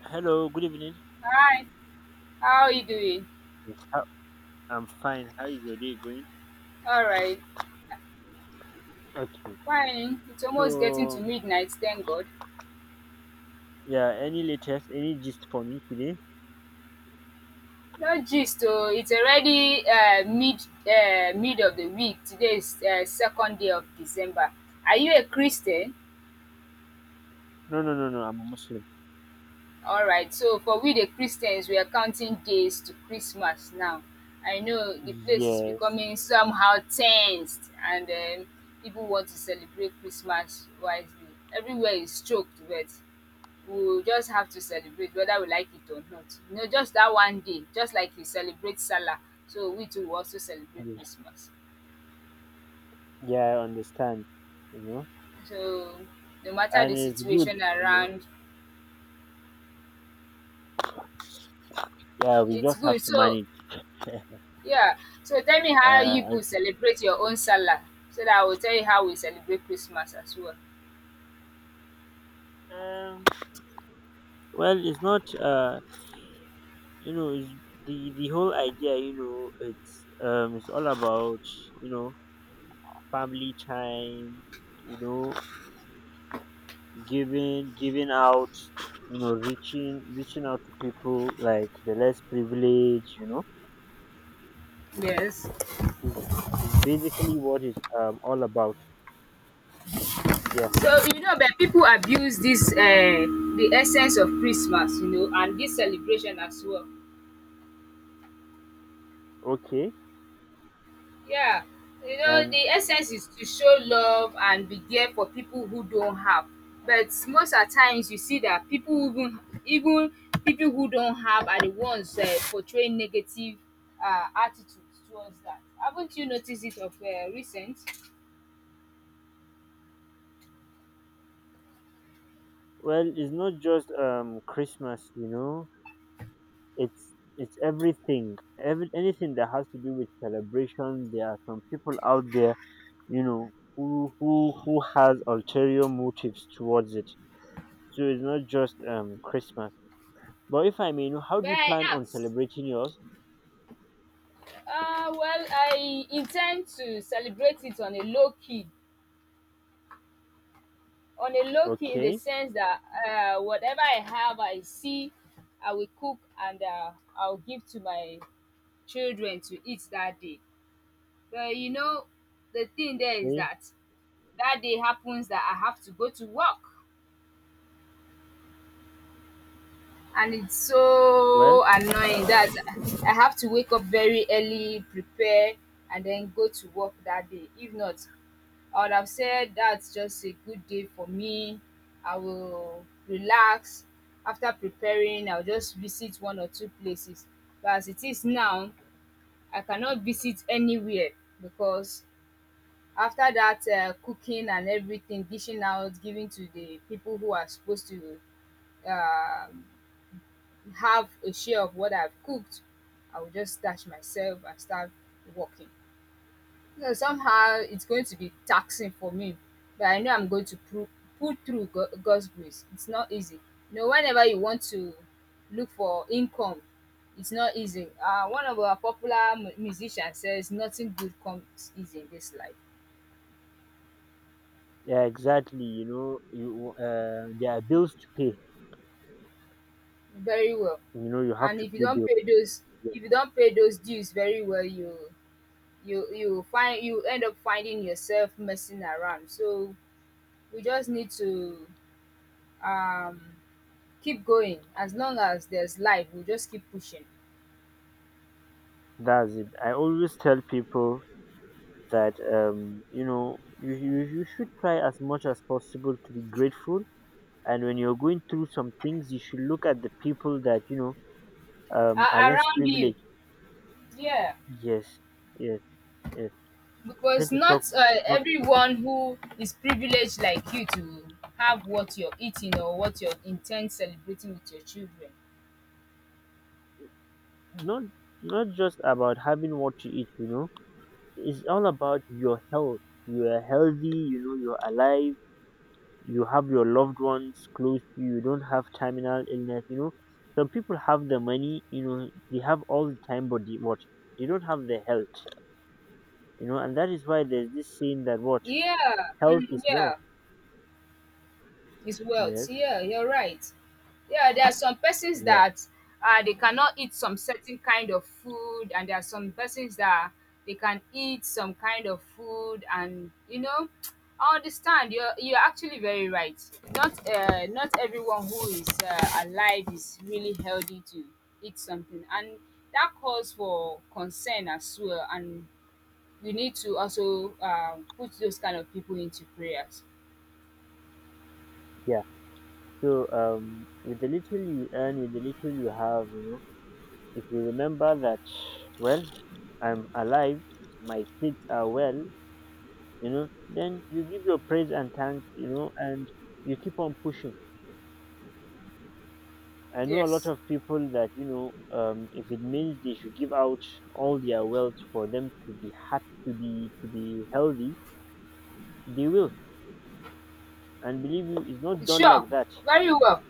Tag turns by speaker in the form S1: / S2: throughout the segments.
S1: Hello, good evening.
S2: Hi, how are you doing?
S1: Yes. I'm fine. How is your day going?
S2: All right,
S1: Okay.
S2: fine. It's almost getting to
S1: So,
S2: midnight, thank God.
S1: yeah, any latest, any gist for me today?
S2: No gist, oh, it's already mid of the week. Today is second day of December. Are you a Christian?
S1: No, no, no, no. I'm a Muslim.
S2: All right. So for we the Christians, we are counting days to Christmas now. I know the place is
S1: Yes.
S2: becoming somehow tensed, and people want to celebrate Christmas wisely. Everywhere is choked with we will just have to celebrate whether we like it or not. You know, just that one day, just like we celebrate Salah, so we too will also celebrate
S1: Yeah,
S2: Christmas.
S1: yeah, I understand. You know,
S2: So no matter
S1: and
S2: the
S1: it's good.
S2: situation
S1: You know,
S2: around,
S1: yeah, we
S2: it's
S1: just have
S2: good.
S1: to
S2: So
S1: manage.
S2: yeah. So tell me how
S1: Uh,
S2: you people
S1: as-
S2: celebrate your own Salah, so that I will tell you how we celebrate Christmas as well.
S1: um, well, it's not. You know, it's the whole idea. You know, it's all about you know family time. You know, giving out, reaching out to people like the less privileged,
S2: Yes.
S1: is is basically what it's all about, yeah.
S2: So you know, but people abuse this the essence of Christmas, you know, and this celebration as well.
S1: Okay.
S2: Yeah, you know,
S1: And
S2: the essence is to show love and be there for people who don't have. But most at times you see that people who even even people who don't have are the ones portraying negative attitudes towards that. Haven't you noticed it of recent?
S1: well, it's not just Christmas, you know, it's it's everything, every anything that has to do with celebration. There are some people out there, you know, who who has ulterior motives towards it. So it's not just Christmas. But if I may know, how
S2: But
S1: do you
S2: I
S1: plan on
S2: ask.
S1: celebrating yours?
S2: Well, I intend to celebrate it on a low key. On a low key, in the
S1: Okay,
S2: sense that whatever I have, I see, I will cook and I'll give to my children to eat that day. But you know the thing there is
S1: okay.
S2: that that day happens that I have to go to work and it's
S1: Well,
S2: so annoying that I have to wake up very early, prepare and then go to work that day. If not I would have said that's just a good day for me, I will relax. After preparing I will just visit one or two places but as it is now I cannot visit anywhere because after that cooking and everything, dishing out, giving to the people who are supposed to um, have a share of what I've cooked, I will just stash myself and start working. So somehow it's going to be taxing for me, but I know I'm going to pull through God's grace. It's not easy. You know, whenever you want to look for income, it's not easy. One of our popular musicians says, nothing good comes easy in this life.
S1: yeah, exactly. You know, you there are bills to pay.
S2: Very well.
S1: You know, you have
S2: And
S1: to
S2: if you
S1: pay
S2: don't
S1: bills.
S2: pay those,
S1: Yeah,
S2: if you don't pay those dues very well, you find you end up finding yourself messing around. So we just need to um, keep going as long as there's life. We just keep pushing
S1: that's it. I always tell people that you know, you you should try as much as possible to be grateful. And when you're going through some things, you should look at the people that, you know, are less
S2: around you.
S1: privileged.
S2: Yeah,
S1: Yes, yes, yes. I
S2: because
S1: tend to talk,
S2: not
S1: talk
S2: everyone who is privileged like you to have what you're eating or what you're intent celebrating with your children.
S1: not not just about having what to eat. You know, it's all about your health. You are healthy, you know, you're alive, you have your loved ones close to you, you don't have terminal illness, you know. Some people have the money, you know, they have all the time, but they, what? They don't have the health, you know, and that is why there's this saying that what?
S2: Yeah,
S1: Health
S2: mm,
S1: is wealth.
S2: yeah. It's wealth.
S1: Yes,
S2: Yeah, you're right. Yeah, there are some persons
S1: yeah,
S2: that they cannot eat some certain kind of food, and there are some persons that they can eat some kind of food, and you know, I understand. You're actually very right. Not not everyone who is alive is really healthy to eat something, and that calls for concern as well. And we need to also put those kind of people into prayers.
S1: yeah. So, with the little you earn, with the little you have, you know, if you remember that, well, I'm alive, my kids are well, you know, then you give your praise and thanks, you know. And you keep on pushing. I know a lot
S2: Yes.
S1: of people that, you know, if it means they should give out all their wealth for them to be happy, to be healthy, they will. And believe you, it's not done
S2: Sure,
S1: like that.
S2: very well,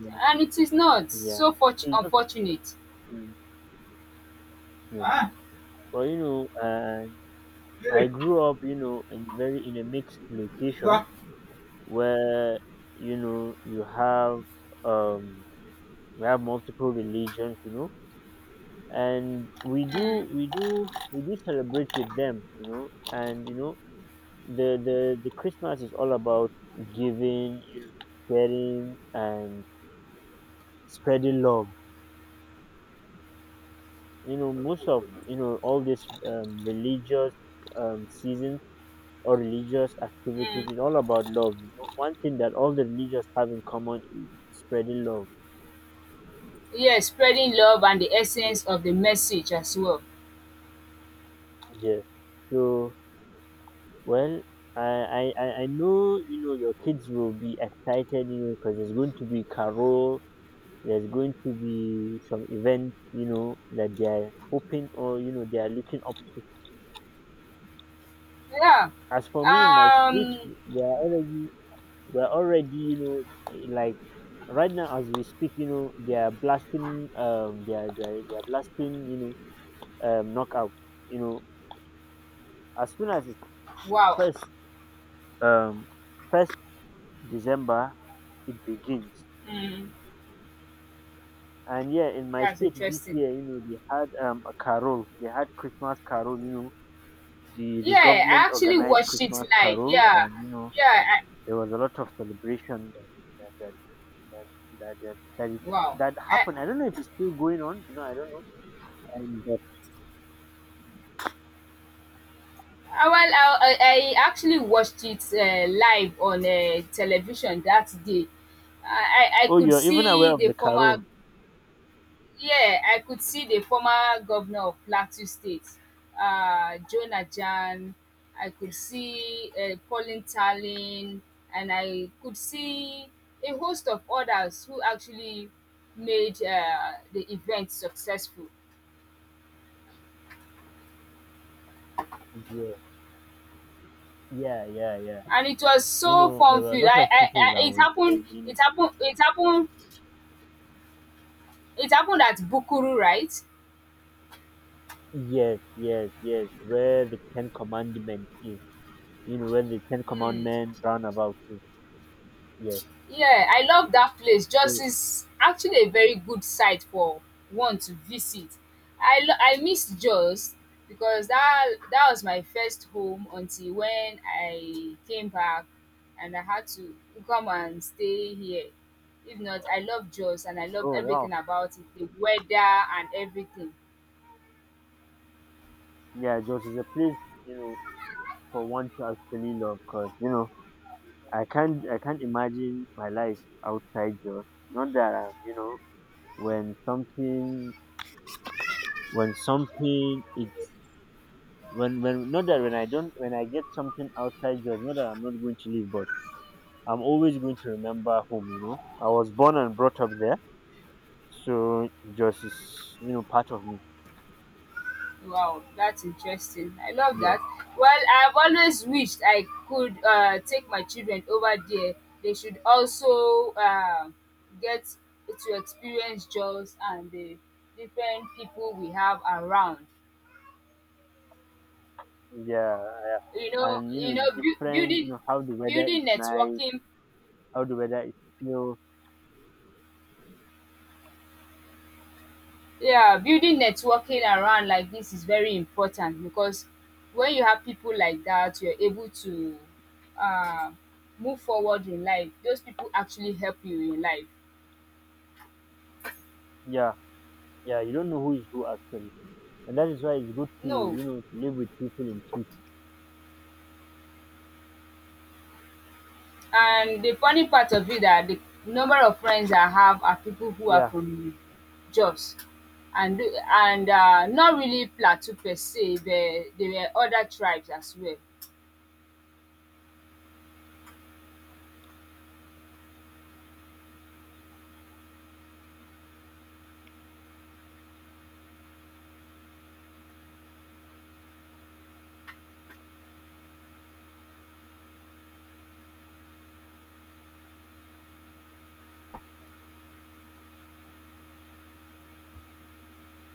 S1: Yeah,
S2: and it is not
S1: yeah.
S2: so fort
S1: So it's just
S2: unfortunate.
S1: mm, yeah. But you know, I grew up, you know, in a mixed location where, you know, you have, um we have multiple religions, you know. And we do celebrate with them, you know. And you know, the Christmas is all about giving, you know, sharing and spreading love. You know, most of, you know, all this religious, season or religious activities is all about love. You know, one thing that all the religious have in common is spreading love.
S2: Yes, spreading love and the
S1: Yeah,
S2: essence of the message as well.
S1: yeah. So well, I know, you know, your kids will be excited, you know, because there's going to be carol, there's going to be some event, you know, that they are hoping or, you know, they are looking up to.
S2: Yeah.
S1: As for me in my street,
S2: Um.
S1: they are already, we're already, you know, like right now as we speak, you know, they are blasting, they are blasting, you know, knockout, you know, as soon as it's
S2: Wow.
S1: first, um, first December, it begins.
S2: Mm,
S1: And yeah, in my
S2: that's
S1: state this
S2: interesting.
S1: year, you know, they had a carol. They had Christmas carol. You know, the
S2: Yeah, I
S1: government
S2: actually
S1: organized
S2: watched it
S1: Christmas
S2: live,
S1: carol,
S2: yeah,
S1: and you know
S2: yeah. I,
S1: there was a lot of celebration that that that is,
S2: wow.
S1: that
S2: I,
S1: happened. I don't know if it's still going on. You know, I don't know. Um, but,
S2: I, well, I actually watched it live on television that day. I
S1: oh,
S2: could
S1: you're even
S2: see
S1: aware of
S2: the
S1: the
S2: former,
S1: carol?
S2: yeah, I could see the former governor of Plateau State, Jonah Jan. I could see Pauline Talin, and I could see a host of others who actually made the event successful.
S1: Yeah, yeah, yeah, yeah.
S2: And it was
S1: You
S2: so
S1: know, there
S2: fun
S1: were a
S2: filled.
S1: lot of people that
S2: It
S1: was
S2: happened.
S1: in. You know,
S2: It happened. It happened. It happened at Bukuru, right?
S1: yes, yes, yes. Where the Ten Commandment is. You know, where the Ten Commandment roundabout is. Yes.
S2: Yeah, I love that place. Jos
S1: So
S2: is actually a very good site for one to visit. I miss Jos because that was my first home until when I came back and I had to come and stay here. If not, I love Jos and I love
S1: oh wow,
S2: everything about it, the weather and everything.
S1: yeah, Jos is a place, you know, for one to actually love because, you know, I can't imagine my life outside Jos. Not that I'm, you know, when something when something it's when not that when I don't when I get something outside Jos, not that I'm not going to leave, but I'm always going to remember home, you know. I was born and brought up there. So Jos is, you know, part of me.
S2: Wow, that's interesting. I love that.
S1: Yes.
S2: Well, I've always wished I could take my children over there. They should also get to experience jobs and the different people we have around.
S1: Yeah.
S2: You know,
S1: And you
S2: you
S1: know,
S2: know,
S1: the
S2: bu-
S1: different, you
S2: building
S1: know,
S2: building networking,
S1: how the weather is feels.
S2: yeah, building networking around like this is very important because when you have people like that, you're able to uh, move forward in life. Those people actually help you in life.
S1: Yeah, yeah, you don't know who is who actually. And that is why it's good to,
S2: No,
S1: you know, to live with people in peace.
S2: and the funny part of it that the number of friends I have are people who are
S1: Yeah.
S2: from Jos, and and not really Plateau per se. There were other tribes as well.